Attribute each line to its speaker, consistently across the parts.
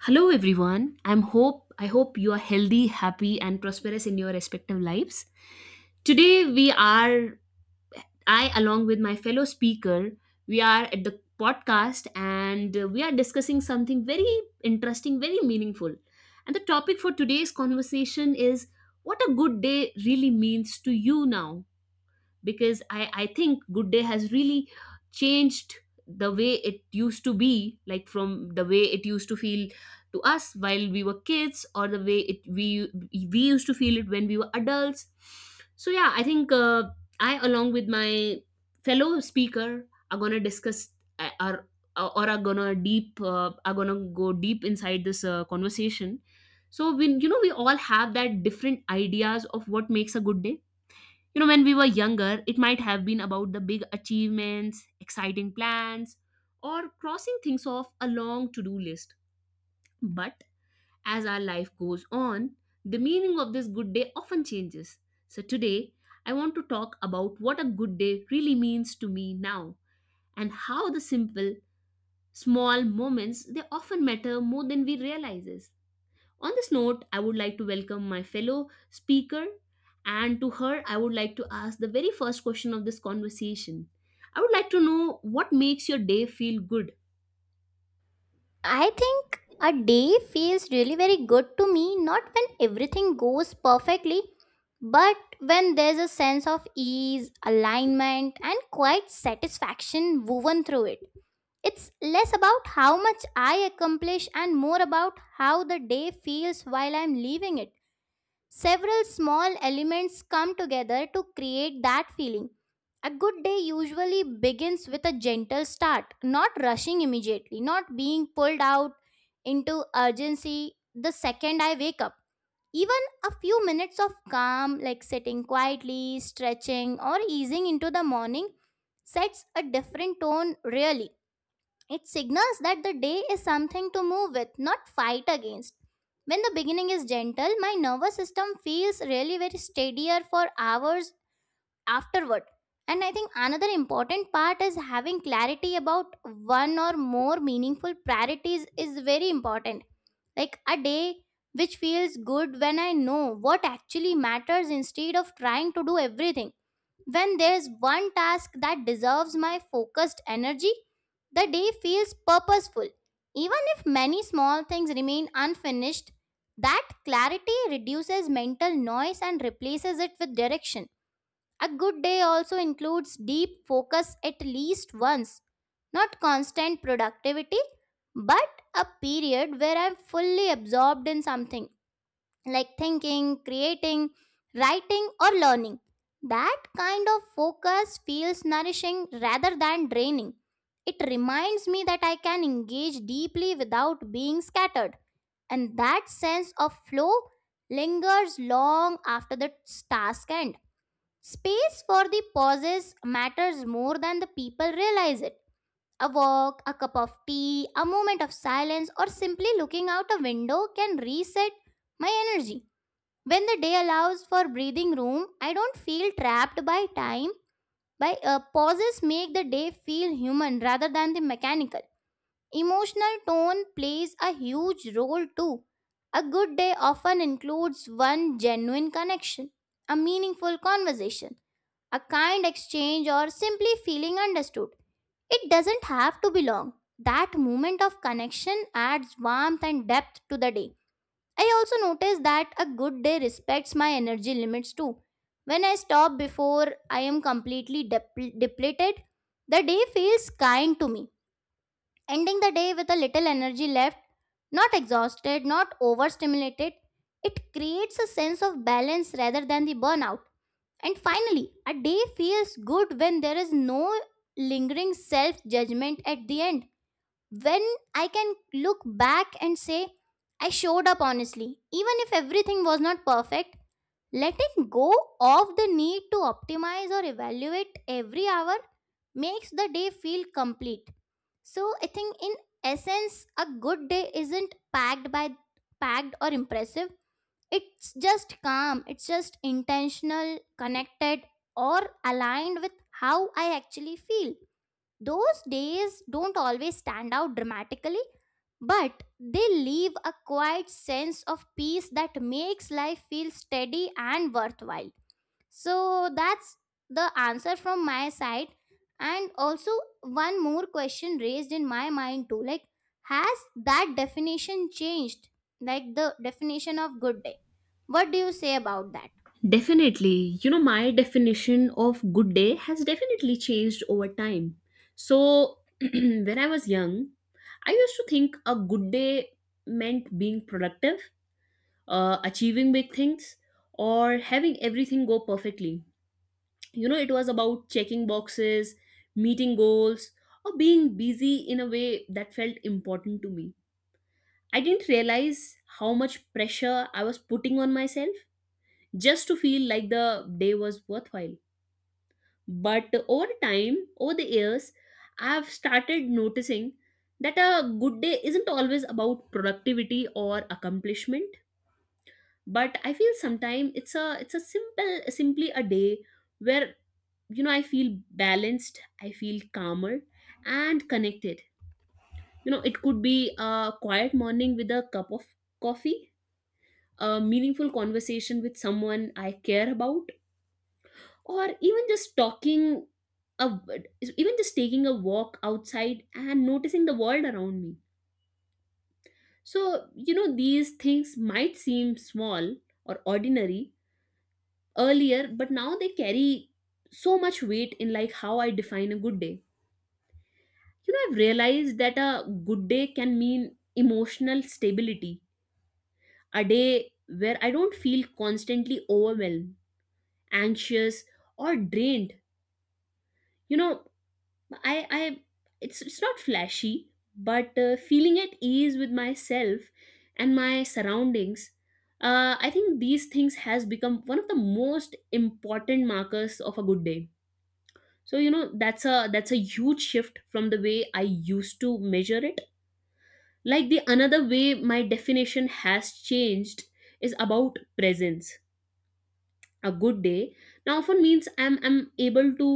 Speaker 1: Hello everyone. I hope you are healthy, happy and prosperous in your respective lives. Today we are I along with my fellow speaker, we are at the podcast and we are discussing something very interesting, very meaningful. And the topic for today's conversation is what a good day really means to you now because I think good day has really changed the way it used to be, like from the way it used to feel to us while we were kids, or the way it we used to feel it when we were adults. So yeah, I think I along with my fellow speaker are going to discuss are or are gonna deep are gonna go deep inside this conversation. So we you know we all have that different ideas of what makes a good day. You know, when we were younger, it might have been about the big achievements, exciting plans, or crossing things off a long to do list. But as our life goes on, the meaning of this good day often changes. So today, I want to talk about what a good day really means to me now, and how the simple, small moments, they often matter more than we realize. On this note, I would like to welcome my fellow speaker, and to her, I would like to ask the very first question of this conversation. I would like to know what makes your day feel good.
Speaker 2: I think a day feels really very good to me, not when everything goes perfectly, but when there's a sense of ease, alignment, and quite satisfaction woven through it. It's less about how much I accomplish and more about how the day feels while I'm leaving it. Several small elements come together to create that feeling. A good day usually begins with a gentle start, not rushing immediately, not being pulled out into urgency the second I wake up. Even a few minutes of calm, like sitting quietly, stretching, or easing into the morning, sets a different tone, really. It signals that the day is something to move with, not fight against. When the beginning is gentle, my nervous system feels really very steadier for hours afterward. And I think another important part is having clarity about one or more meaningful priorities is very important. Like a day which feels good when I know what actually matters instead of trying to do everything. When there's one task that deserves my focused energy, the day feels purposeful. Even if many small things remain unfinished, that clarity reduces mental noise and replaces it with direction. A good day also includes deep focus at least once, not constant productivity, but a period where I'm fully absorbed in something like thinking, creating, writing, or learning. That kind of focus feels nourishing rather than draining. It reminds me that I can engage deeply without being scattered, and that sense of flow lingers long after the task end. Space for the pauses matters more than the people realize it. A walk, a cup of tea, a moment of silence, or simply looking out a window can reset my energy. When the day allows for breathing room, I don't feel trapped by time. By pauses make the day feel human rather than the mechanical. Emotional tone plays a huge role too. A good day often includes one genuine connection, a meaningful conversation, a kind exchange, or simply feeling understood. It doesn't have to be long. That moment of connection adds warmth and depth to the day. I also notice that a good day respects my energy limits too. When I stop before I am completely depleted, the day feels kind to me. Ending the day with a little energy left, not exhausted, not overstimulated, it creates a sense of balance rather than the burnout. And finally, a day feels good when there is no lingering self judgment at the end when I can look back and say, I showed up honestly, even if everything was not perfect, letting go of the need to optimize or evaluate every hour makes the day feel complete. So I think in essence, a good day isn't packed or impressive. It's just calm, it's just intentional, connected, or aligned with how I actually feel. Those days don't always stand out dramatically, but they leave a quiet sense of peace that makes life feel steady and worthwhile. So that's the answer from my side. And also, one more question raised in my mind too like, has that definition changed? Like the definition of good day. What do you say about that?
Speaker 1: Definitely. You know, my definition of good day has definitely changed over time. So, when I was young, I used to think a good day meant being productive, achieving big things, or having everything go perfectly. You know, it was about checking boxes, meeting goals, or being busy in a way that felt important to me. I didn't realize how much pressure I was putting on myself just to feel like the day was worthwhile. But over time, over the years, I've started noticing that a good day isn't always about productivity or accomplishment, but I feel sometimes it's a simple simply a day where, you know, I feel balanced, I feel calmer and connected. You know, it could be a quiet morning with a cup of coffee, a meaningful conversation with someone I care about, or a, even just taking a walk outside and noticing the world around me. So you know, these things might seem small or ordinary earlier, but now they carry so much weight in like how I define a good day. You know, I've realized that a good day can mean emotional stability, a day where I don't feel constantly overwhelmed, anxious, or drained. You know, I I it's not flashy, but feeling at ease with myself and my surroundings, I think these things has become one of the most important markers of a good day. So you know, that's a huge shift from the way I used to measure it. Like, the another way my definition has changed is about presence. A good day now often means I'm able to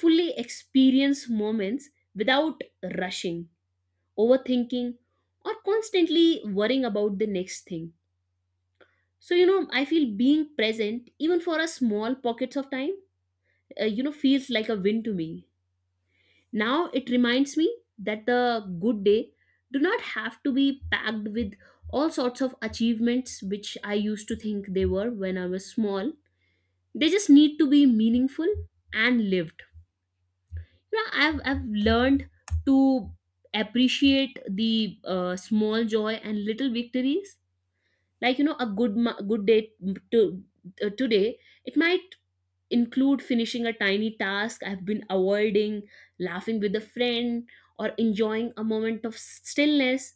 Speaker 1: fully experience moments without rushing, overthinking, or constantly worrying about the next thing. So you know, I feel being present, even for a small pockets of time, you know, feels like a win to me. Now it reminds me that the good day do not have to be packed with all sorts of achievements, which I used to think they were when I was small. They just need to be meaningful and lived. You know, I've learned to appreciate the small joy and little victories. Like you know, good day to, today, it might include finishing a tiny task I've been avoiding, laughing with a friend, or enjoying a moment of stillness.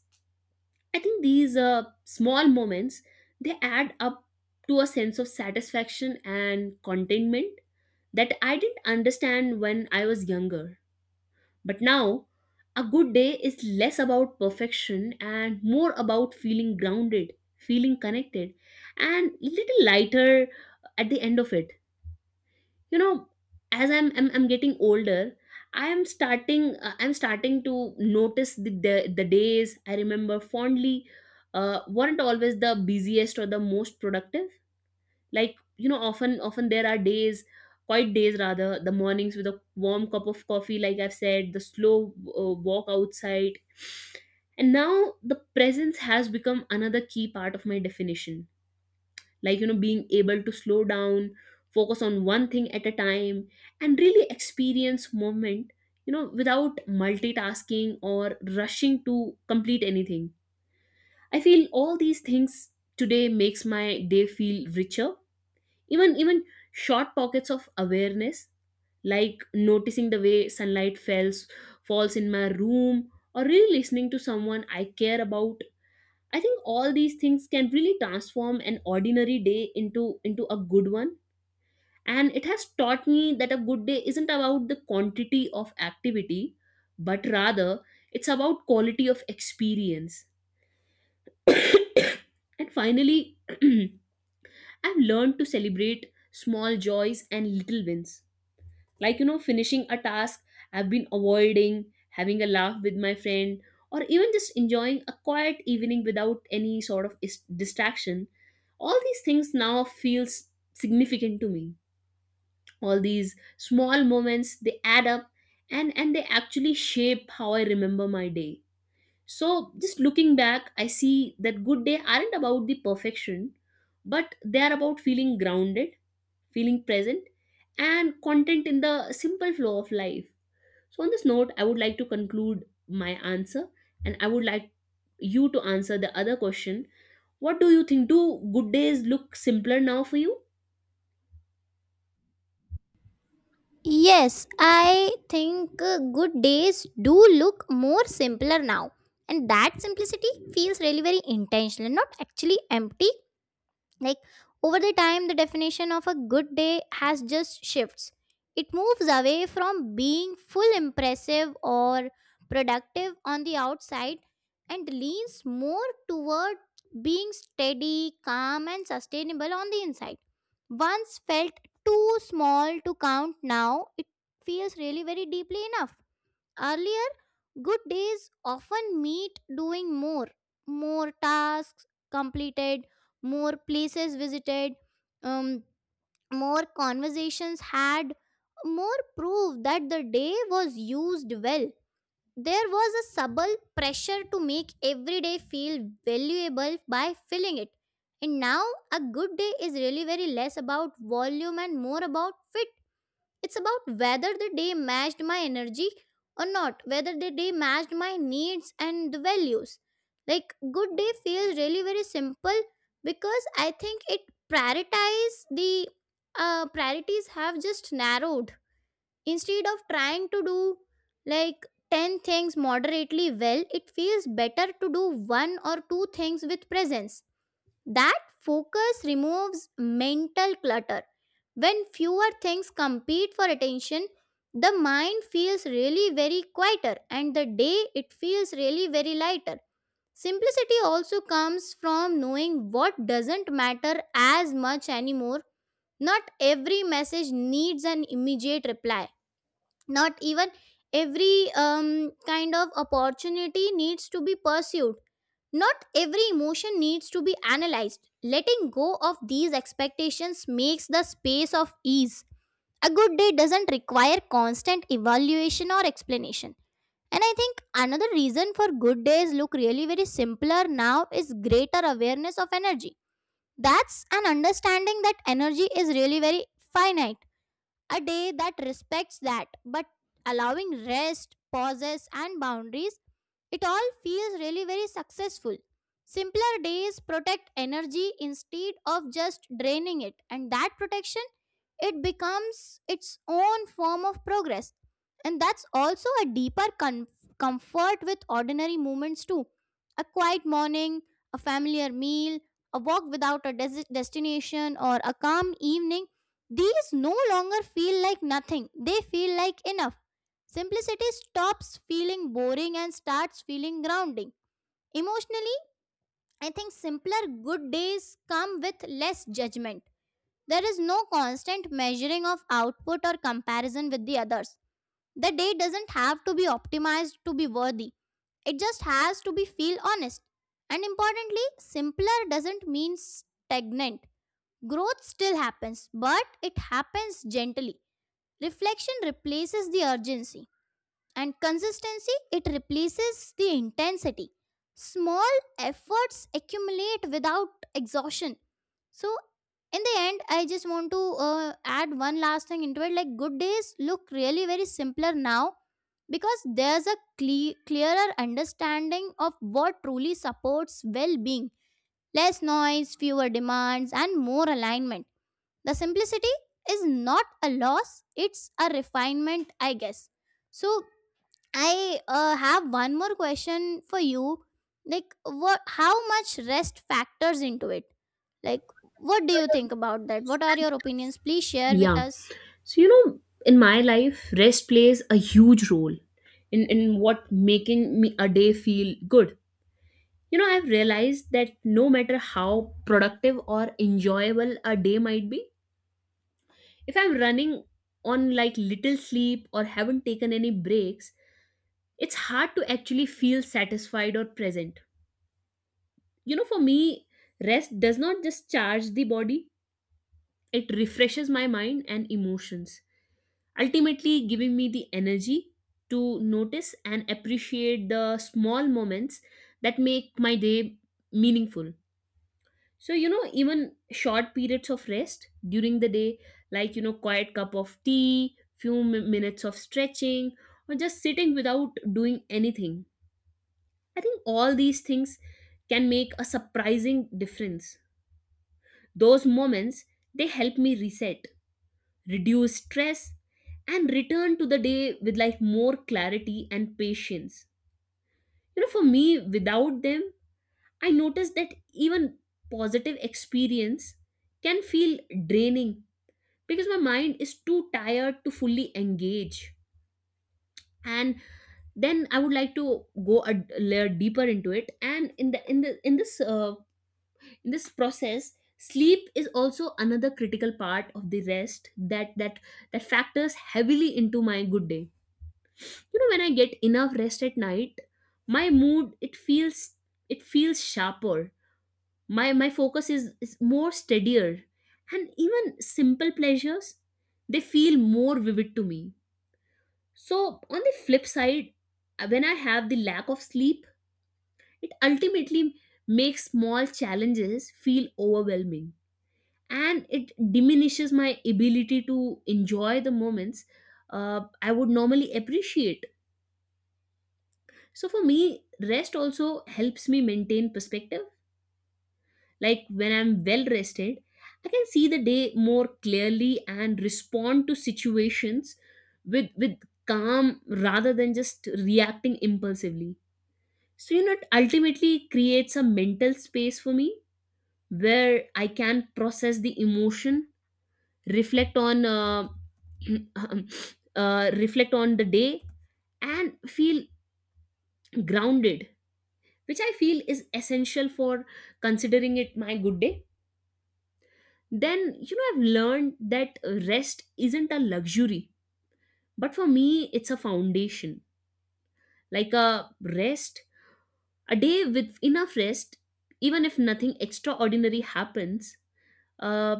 Speaker 1: I think these small moments, they add up to a sense of satisfaction and contentment that I didn't understand when I was younger. But now, a good day is less about perfection and more about feeling grounded, feeling connected, and little lighter at the end of it. You know, as I'm getting older, I'm starting to notice the the days I remember fondly weren't always the busiest or the most productive. Like you know, often there are days, quiet days rather, the mornings with a warm cup of coffee, like I've said, the slow walk outside. And now the presence has become another key part of my definition. Like you know, being able to slow down, focus on one thing at a time, and really experience moment, you know, without multitasking or rushing to complete anything. I feel all these things today makes my day feel richer. Even short pockets of awareness, like noticing the way sunlight falls in my room, or really listening to someone I care about, I think all these things can really transform an ordinary day into a good one. And it has taught me that a good day isn't about the quantity of activity, but rather it's about quality of experience. And finally, I've learned to celebrate small joys and little wins, like you know, finishing a task I've been avoiding, having a laugh with my friend, or even just enjoying a quiet evening without any sort of distraction. All these things now feels significant to me. All these small moments, they add up, and they actually shape how I remember my day. So just looking back, I see that good day aren't about the perfection, but they are about feeling grounded, feeling present, and content in the simple flow of life. So, on this note, I would like to conclude my answer, and I would like you to answer the other question. What do you think? Do good days look simpler now for you?
Speaker 2: Yes, I think good days do look more simpler now. And that simplicity feels really very intentional, not actually empty like over the time, the definition of a good day has just shifts. It moves away from being full impressive or productive on the outside and leans more toward being steady, calm, and sustainable on the inside. Once felt too small to count, now it feels really very deeply enough. Earlier, good days often meant doing more, more tasks completed, more places visited, um, more conversations had, more proof that the day was used well. There was a subtle pressure to make every day feel valuable by filling it. And now, a good day is really very less about volume and more about fit it's about whether the day matched my energy or not, whether the day matched my needs and the values. Like good day feels really very simple because I think it prioritize the priorities have just narrowed. Instead of trying to do like 10 things moderately well, it feels better to do one or two things with presence. That focus removes mental clutter when fewer things compete for attention, the mind feels really very quieter and the day it feels really very lighter. Simplicity also comes from knowing what doesn't matter as much anymore. Not every message needs an immediate reply. Not even every kind of opportunity needs to be pursued. Not every emotion needs to be analyzed. Letting go of these expectations makes the space of ease. A good day doesn't require constant evaluation or explanation. And I think another reason for good days look really very simpler now is greater awareness of energy. That's an understanding that energy is really very finite a day that respects that, but allowing rest, pauses, and boundaries, it all feels really very successful. Simpler days protect energy instead of just draining it, and that protection it becomes its own form of progress. And that's also a deeper comfort with ordinary moments, too. A quiet morning, a familiar meal, a walk without a destination, or a calm evening these no longer feel like nothing, they feel like enough. Simplicity stops feeling boring and starts feeling grounding. Emotionally, I think simpler good days come with less judgment. There is no constant measuring of output or comparison with the others. The day doesn't have to be optimized to be worthy. It just has to be feel honest. And importantly, simpler doesn't mean stagnant. Growth still happens, but it happens gently. Reflection replaces the urgency, and consistency it replaces the intensity. Small efforts accumulate without exhaustion. So, in the end, I just want to add one last thing into it. Like, good days look really very simpler now because there's a clearer understanding of what truly supports well being. Less noise, fewer demands, and more alignment. The simplicity is not a loss, it's a refinement, I guess. So, I have one more question for you. Like, what, how much rest factors into it? Like, what do you think about that? What are your opinions? Please share with
Speaker 1: Yeah.
Speaker 2: us.
Speaker 1: So, you know, in my life, rest plays a huge role in what making me a day feel good. You know, I've realized that no matter how productive or enjoyable a day might be, if I'm running on like little sleep or haven't taken any breaks, it's hard to actually feel satisfied or present. You know, for me, rest does not just charge the body, it refreshes my mind and emotions, ultimately giving me the energy to notice and appreciate the small moments that make my day meaningful. So, you know, even short periods of rest during the day, like, you know, quiet cup of tea, few minutes of stretching, or just sitting without doing anything, I think all these things can make a surprising difference. Those moments, they help me reset, reduce stress, and return to the day with like more clarity and patience. You know, for me, without them, I notice that even positive experience can feel draining because my mind is too tired to fully engage. And then I would like to go a layer deeper into it. And in the in the in this process, sleep is also another critical part of the rest that factors heavily into my good day. You know, when I get enough rest at night, my mood, it feels sharper, my focus is more steadier, and even simple pleasures, they feel more vivid to me. So on the flip side, when I have the lack of sleep, it ultimately makes small challenges feel overwhelming, and it diminishes my ability to enjoy the moments I would normally appreciate. So for me, rest also helps me maintain perspective. Like when I'm well rested, I can see the day more clearly and respond to situations with calm rather than just reacting impulsively. So you know, it ultimately creates a mental space for me where I can process the emotion, reflect on reflect on the day, and feel grounded, which I feel is essential for considering it my good day. Then you know, I've learned that rest isn't a luxury, but for me, it's a foundation. Like rest a day with enough rest, even if nothing extraordinary happens, uh,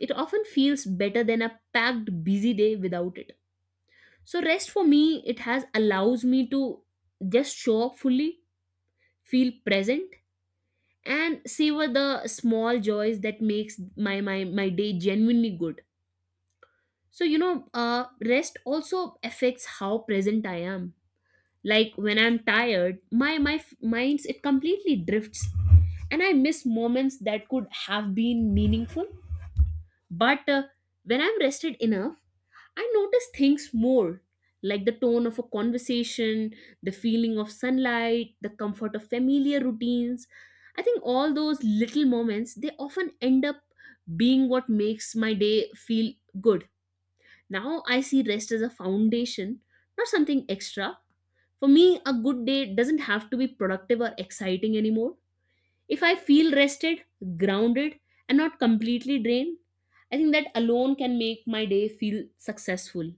Speaker 1: it often feels better than a packed busy day without it. So rest for me, it has allows me to just show up fully, feel present, and savor the small joys that makes my day genuinely good. So you know, rest also affects how present I am. Like when I'm tired, minds it completely drifts, and I miss moments that could have been meaningful. But when I'm rested enough, I notice things more, like the tone of a conversation, the feeling of sunlight, the comfort of familiar routines. I think all those little moments, they often end up being what makes my day feel good. Now I see rest as a foundation, not something extra. For me, a good day doesn't have to be productive or exciting anymore. If I feel rested, grounded, and not completely drained, I think that alone can make my day feel successful.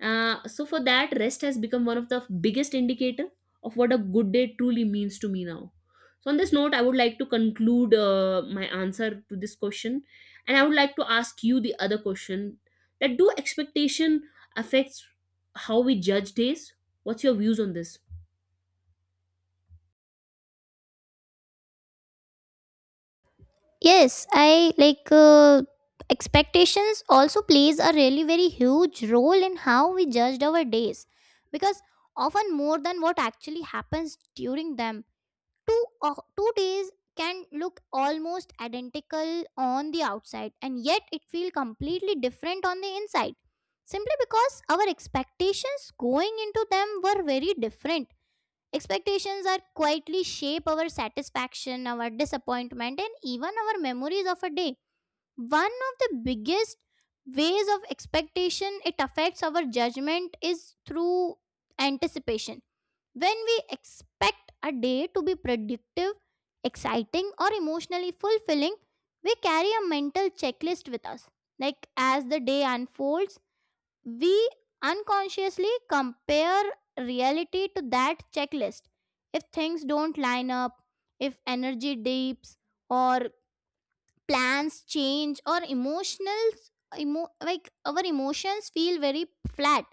Speaker 1: So for that, rest has become one of the biggest indicator of what a good day truly means to me now. So on this note, I would like to conclude my answer to this question, and I would like to ask you the other question: that do expectation affects how we judge days? What's your views on this?
Speaker 2: Yes, I like expectations also plays a really very huge role in how we judged our days because often more than what actually happens during them 2 days can look almost identical on the outside and yet it feels completely different on the inside simply because our expectations going into them were very different. Expectations are quietly shape our satisfaction, our disappointment, and even our memories of a day. One of the biggest ways of expectation it affects our judgment is through anticipation. When we expect a day to be productive, exciting, or emotionally fulfilling, we carry a mental checklist with us. Like as the day unfolds, we unconsciously compare reality to that checklist. If things don't line up, if energy dips, or plans change, or like our emotions feel very flat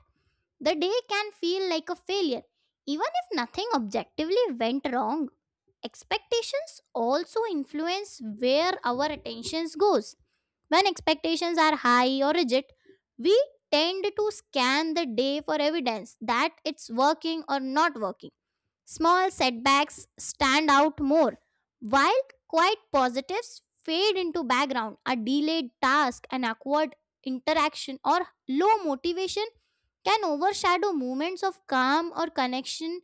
Speaker 2: the day can feel like a failure, even if nothing objectively went wrong. Expectations also influence where our attention goes. When expectations are high or rigid, we tend to scan the day for evidence that it's working or not working. Small setbacks stand out more, while quiet positives fade into background. A delayed task, an awkward interaction, or low motivation can overshadow moments of calm or connection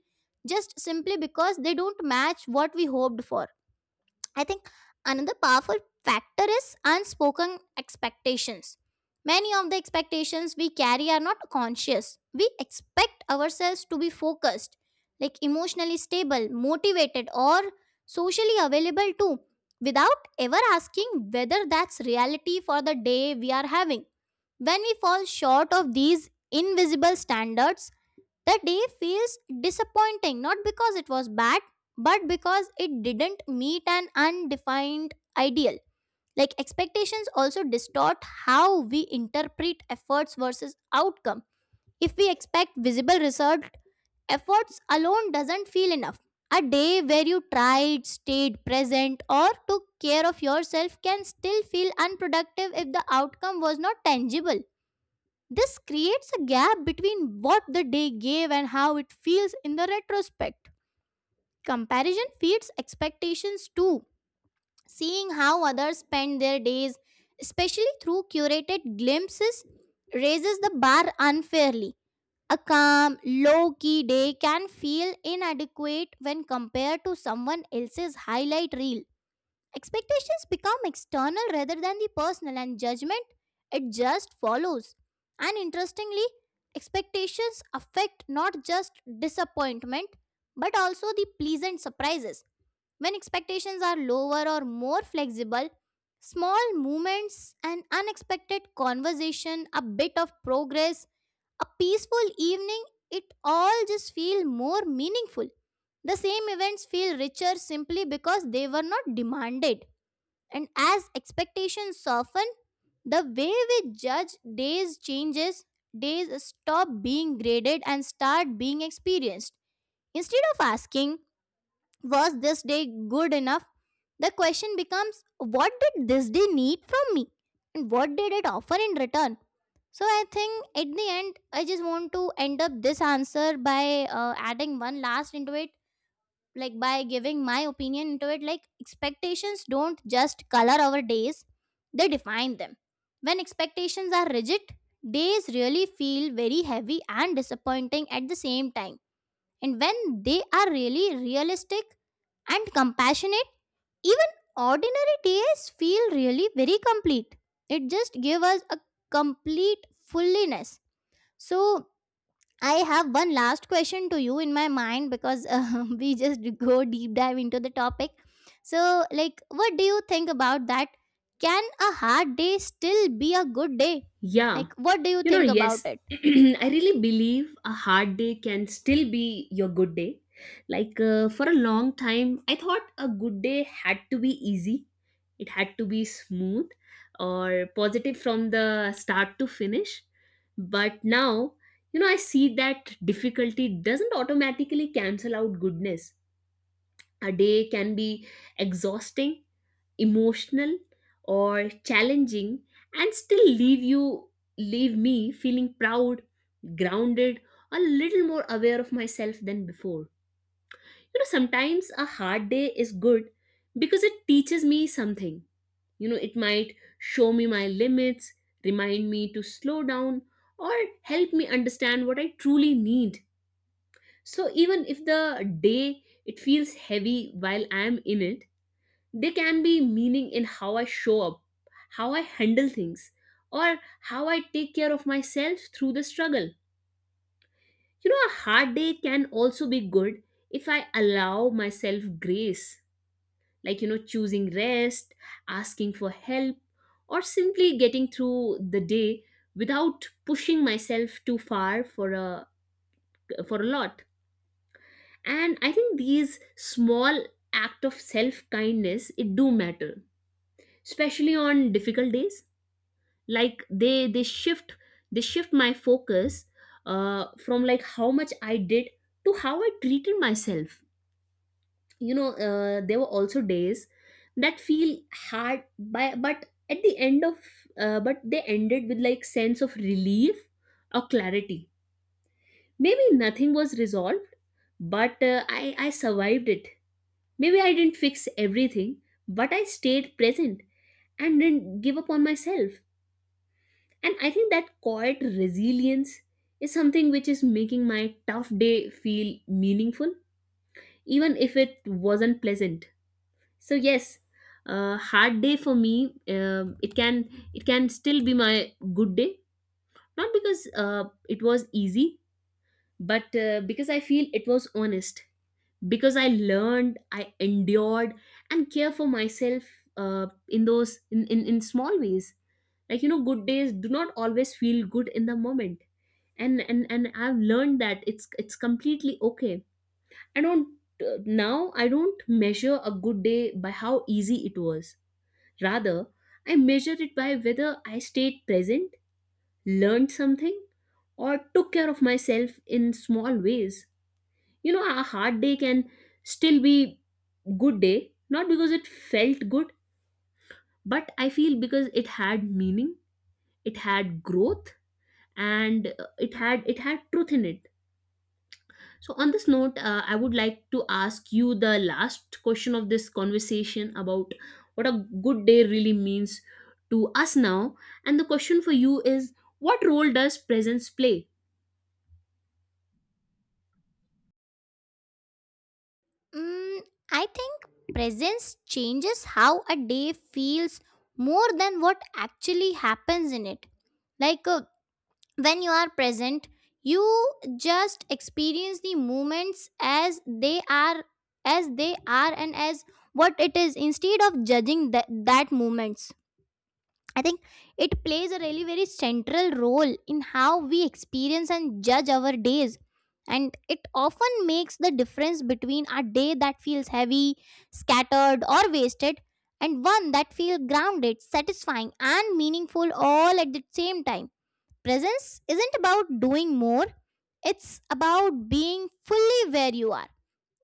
Speaker 2: just simply because they don't match what we hoped for. I think another powerful factor is unspoken expectations. Many of the expectations we carry are not conscious. We expect ourselves to be focused, like emotionally stable, motivated, or socially available too, without ever asking whether that's reality for the day we are having. When we fall short of these invisible standards, the day feels disappointing not because it was bad, but because it didn't meet an undefined ideal. Like expectations also distort how we interpret efforts versus outcome. If we expect visible result, efforts alone doesn't feel enough. A day where you tried, stayed present, or took care of yourself can still feel unproductive if the outcome was not tangible. This creates a gap between what the day gave and how it feels in the retrospect. Comparison feeds expectations too. Seeing how others spend their days, especially through curated glimpses, raises the bar unfairly. A calm, low key day can feel inadequate when compared to someone else's highlight reel. Expectations become external rather than the personal, and judgment it just follows. And interestingly, expectations affect not just disappointment but also the pleasant surprises. When expectations are lower or more flexible, small movements, an unexpected conversation, a bit of progress, a peaceful evening, it all just feel more meaningful. The same events feel richer simply because they were not demanded. And as expectations soften, the way we judge days changes. Days stop being graded and start being experienced. Instead of asking, was this day good enough? The question becomes, what did this day need from me? And what did it offer in return? So I think at the end, I just want to end up this answer by adding one last into it, like by giving my opinion into it. Like, expectations don't just color our days, they define them. When expectations are rigid, days really feel very heavy and disappointing at the same time. And when they are really realistic and compassionate, even ordinary days feel really very complete. It just gives us a complete fullness. So I have one last question to you in my mind because we just go deep dive into the topic. So, like, what do you think about that? Can a hard day still be a good day?
Speaker 1: Yeah.
Speaker 2: Like, what do you
Speaker 1: You know,
Speaker 2: think about
Speaker 1: yes,
Speaker 2: it?
Speaker 1: I really believe a hard day can still be your good day. Like for a long time, I thought a good day had to be easy, it had to be smooth or positive from the start to finish. But now, you know, I see that difficulty doesn't automatically cancel out goodness. A day can be exhausting, emotional, or challenging and still leave me feeling proud, grounded, a little more aware of myself than before. You know, sometimes a hard day is good because it teaches me something. You know, it might show me my limits, remind me to slow down, or help me understand what I truly need. So even if the day it feels heavy while I am in it, they can be meaning in how I show up, how I handle things, or how I take care of myself through the struggle. You know, a hard day can also be good if I allow myself grace, like, you know, choosing rest, asking for help, or simply getting through the day without pushing myself too far for a lot. And I think these small act of self kindness it do matter, especially on difficult days. Like they shift, they shift my focus, from like how much I did to how I treated myself. You know, there were also days that feel hard by but at the end of but they ended with like sense of relief or clarity. Maybe nothing was resolved, but I survived it. Maybe I didn't fix everything, but I stayed present and didn't give up on myself. And I think that quiet resilience is something which is making my tough day feel meaningful, even if it wasn't pleasant. So yes, a hard day for me, it can still be my good day, not because it was easy, but because I feel it was honest, because I learned, I endured, and care for myself in those in small ways. Like, you know, good days do not always feel good in the moment, and I've learned that it's completely okay. I don't Now I don't measure a good day by how easy it was. Rather, I measure it by whether I stayed present, learned something, or took care of myself in small ways. You know, a hard day can still be good day, not because it felt good, but I feel because it had meaning, it had growth, and it had truth in it. So on this note, I would like to ask you the last question of this conversation about what a good day really means to us now. And the question for you is, what role does presence play?
Speaker 2: Mm, I think presence changes how a day feels more than what actually happens in it. Like, when you are present, you just experience the moments as they are, as they are and as what it is, instead of judging that moments. I think it plays a really very central role in how we experience and judge our days, and it often makes the difference between a day that feels heavy, scattered, or wasted, and one that feels grounded, satisfying, and meaningful all at the same time. Presence isn't about doing more, it's about being fully where you are,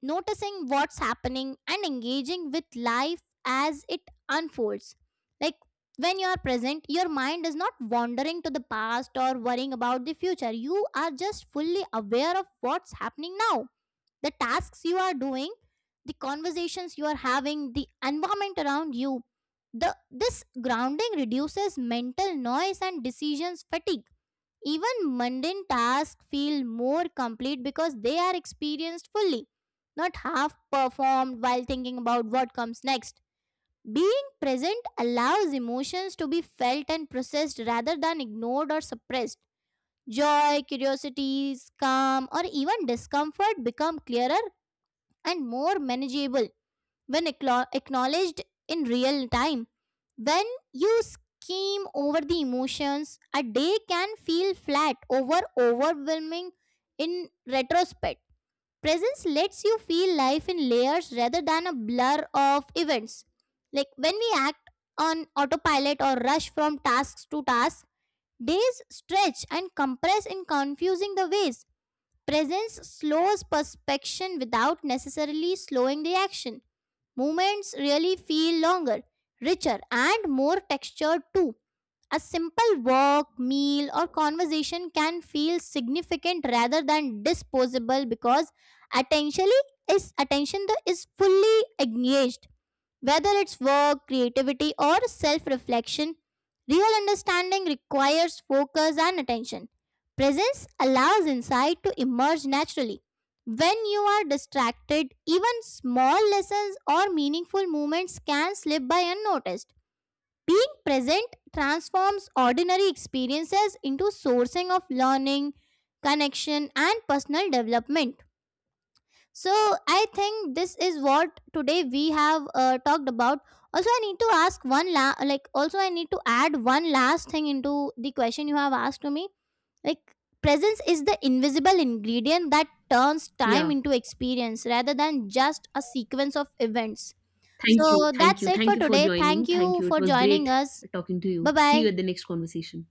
Speaker 2: noticing what's happening and engaging with life as it unfolds. Like, when you are present, your mind is not wandering to the past or worrying about the future. You are just fully aware of what's happening now. The tasks you are doing, the conversations you are having, the environment around you. This grounding reduces mental noise and decisions fatigue. Even mundane tasks feel more complete because they are experienced fully, not half performed while thinking about what comes next. Being present allows emotions to be felt and processed rather than ignored or suppressed. Joy, curiosity, calm, or even discomfort become clearer and more manageable when acknowledged in real time. When you scheme over the emotions, a day can feel flat over overwhelming in retrospect. Presence lets you feel life in layers rather than a blur of events. Like, when we act on autopilot or rush from tasks to tasks, days stretch and compress in confusing the ways. Presence slows perspection without necessarily slowing the action. Moments really feel longer, richer, and more textured too. A simple walk, meal, or conversation can feel significant rather than disposable because attention attention is fully engaged. Whether it's work, creativity, or self reflection, real understanding requires focus and attention. Presence allows insight to emerge naturally. When you are distracted, even small lessons or meaningful moments can slip by unnoticed. Being present transforms ordinary experiences into sourcing of learning, connection, and personal development. So I think this is what today we have talked about. Also, I need to ask one la- like also I need to add one last thing into the question you have asked to me. Like, presence is the invisible ingredient that turns time
Speaker 1: Yeah.
Speaker 2: into experience rather than just a sequence of events.
Speaker 1: Thank you.
Speaker 2: So
Speaker 1: Thank
Speaker 2: that's
Speaker 1: you.
Speaker 2: it
Speaker 1: Thank
Speaker 2: for
Speaker 1: you for
Speaker 2: today.
Speaker 1: joining.
Speaker 2: Thank
Speaker 1: Thank
Speaker 2: you
Speaker 1: you. It
Speaker 2: for
Speaker 1: was great
Speaker 2: joining us.
Speaker 1: talking to
Speaker 2: Bye
Speaker 1: you. See you
Speaker 2: bye.
Speaker 1: at the next conversation.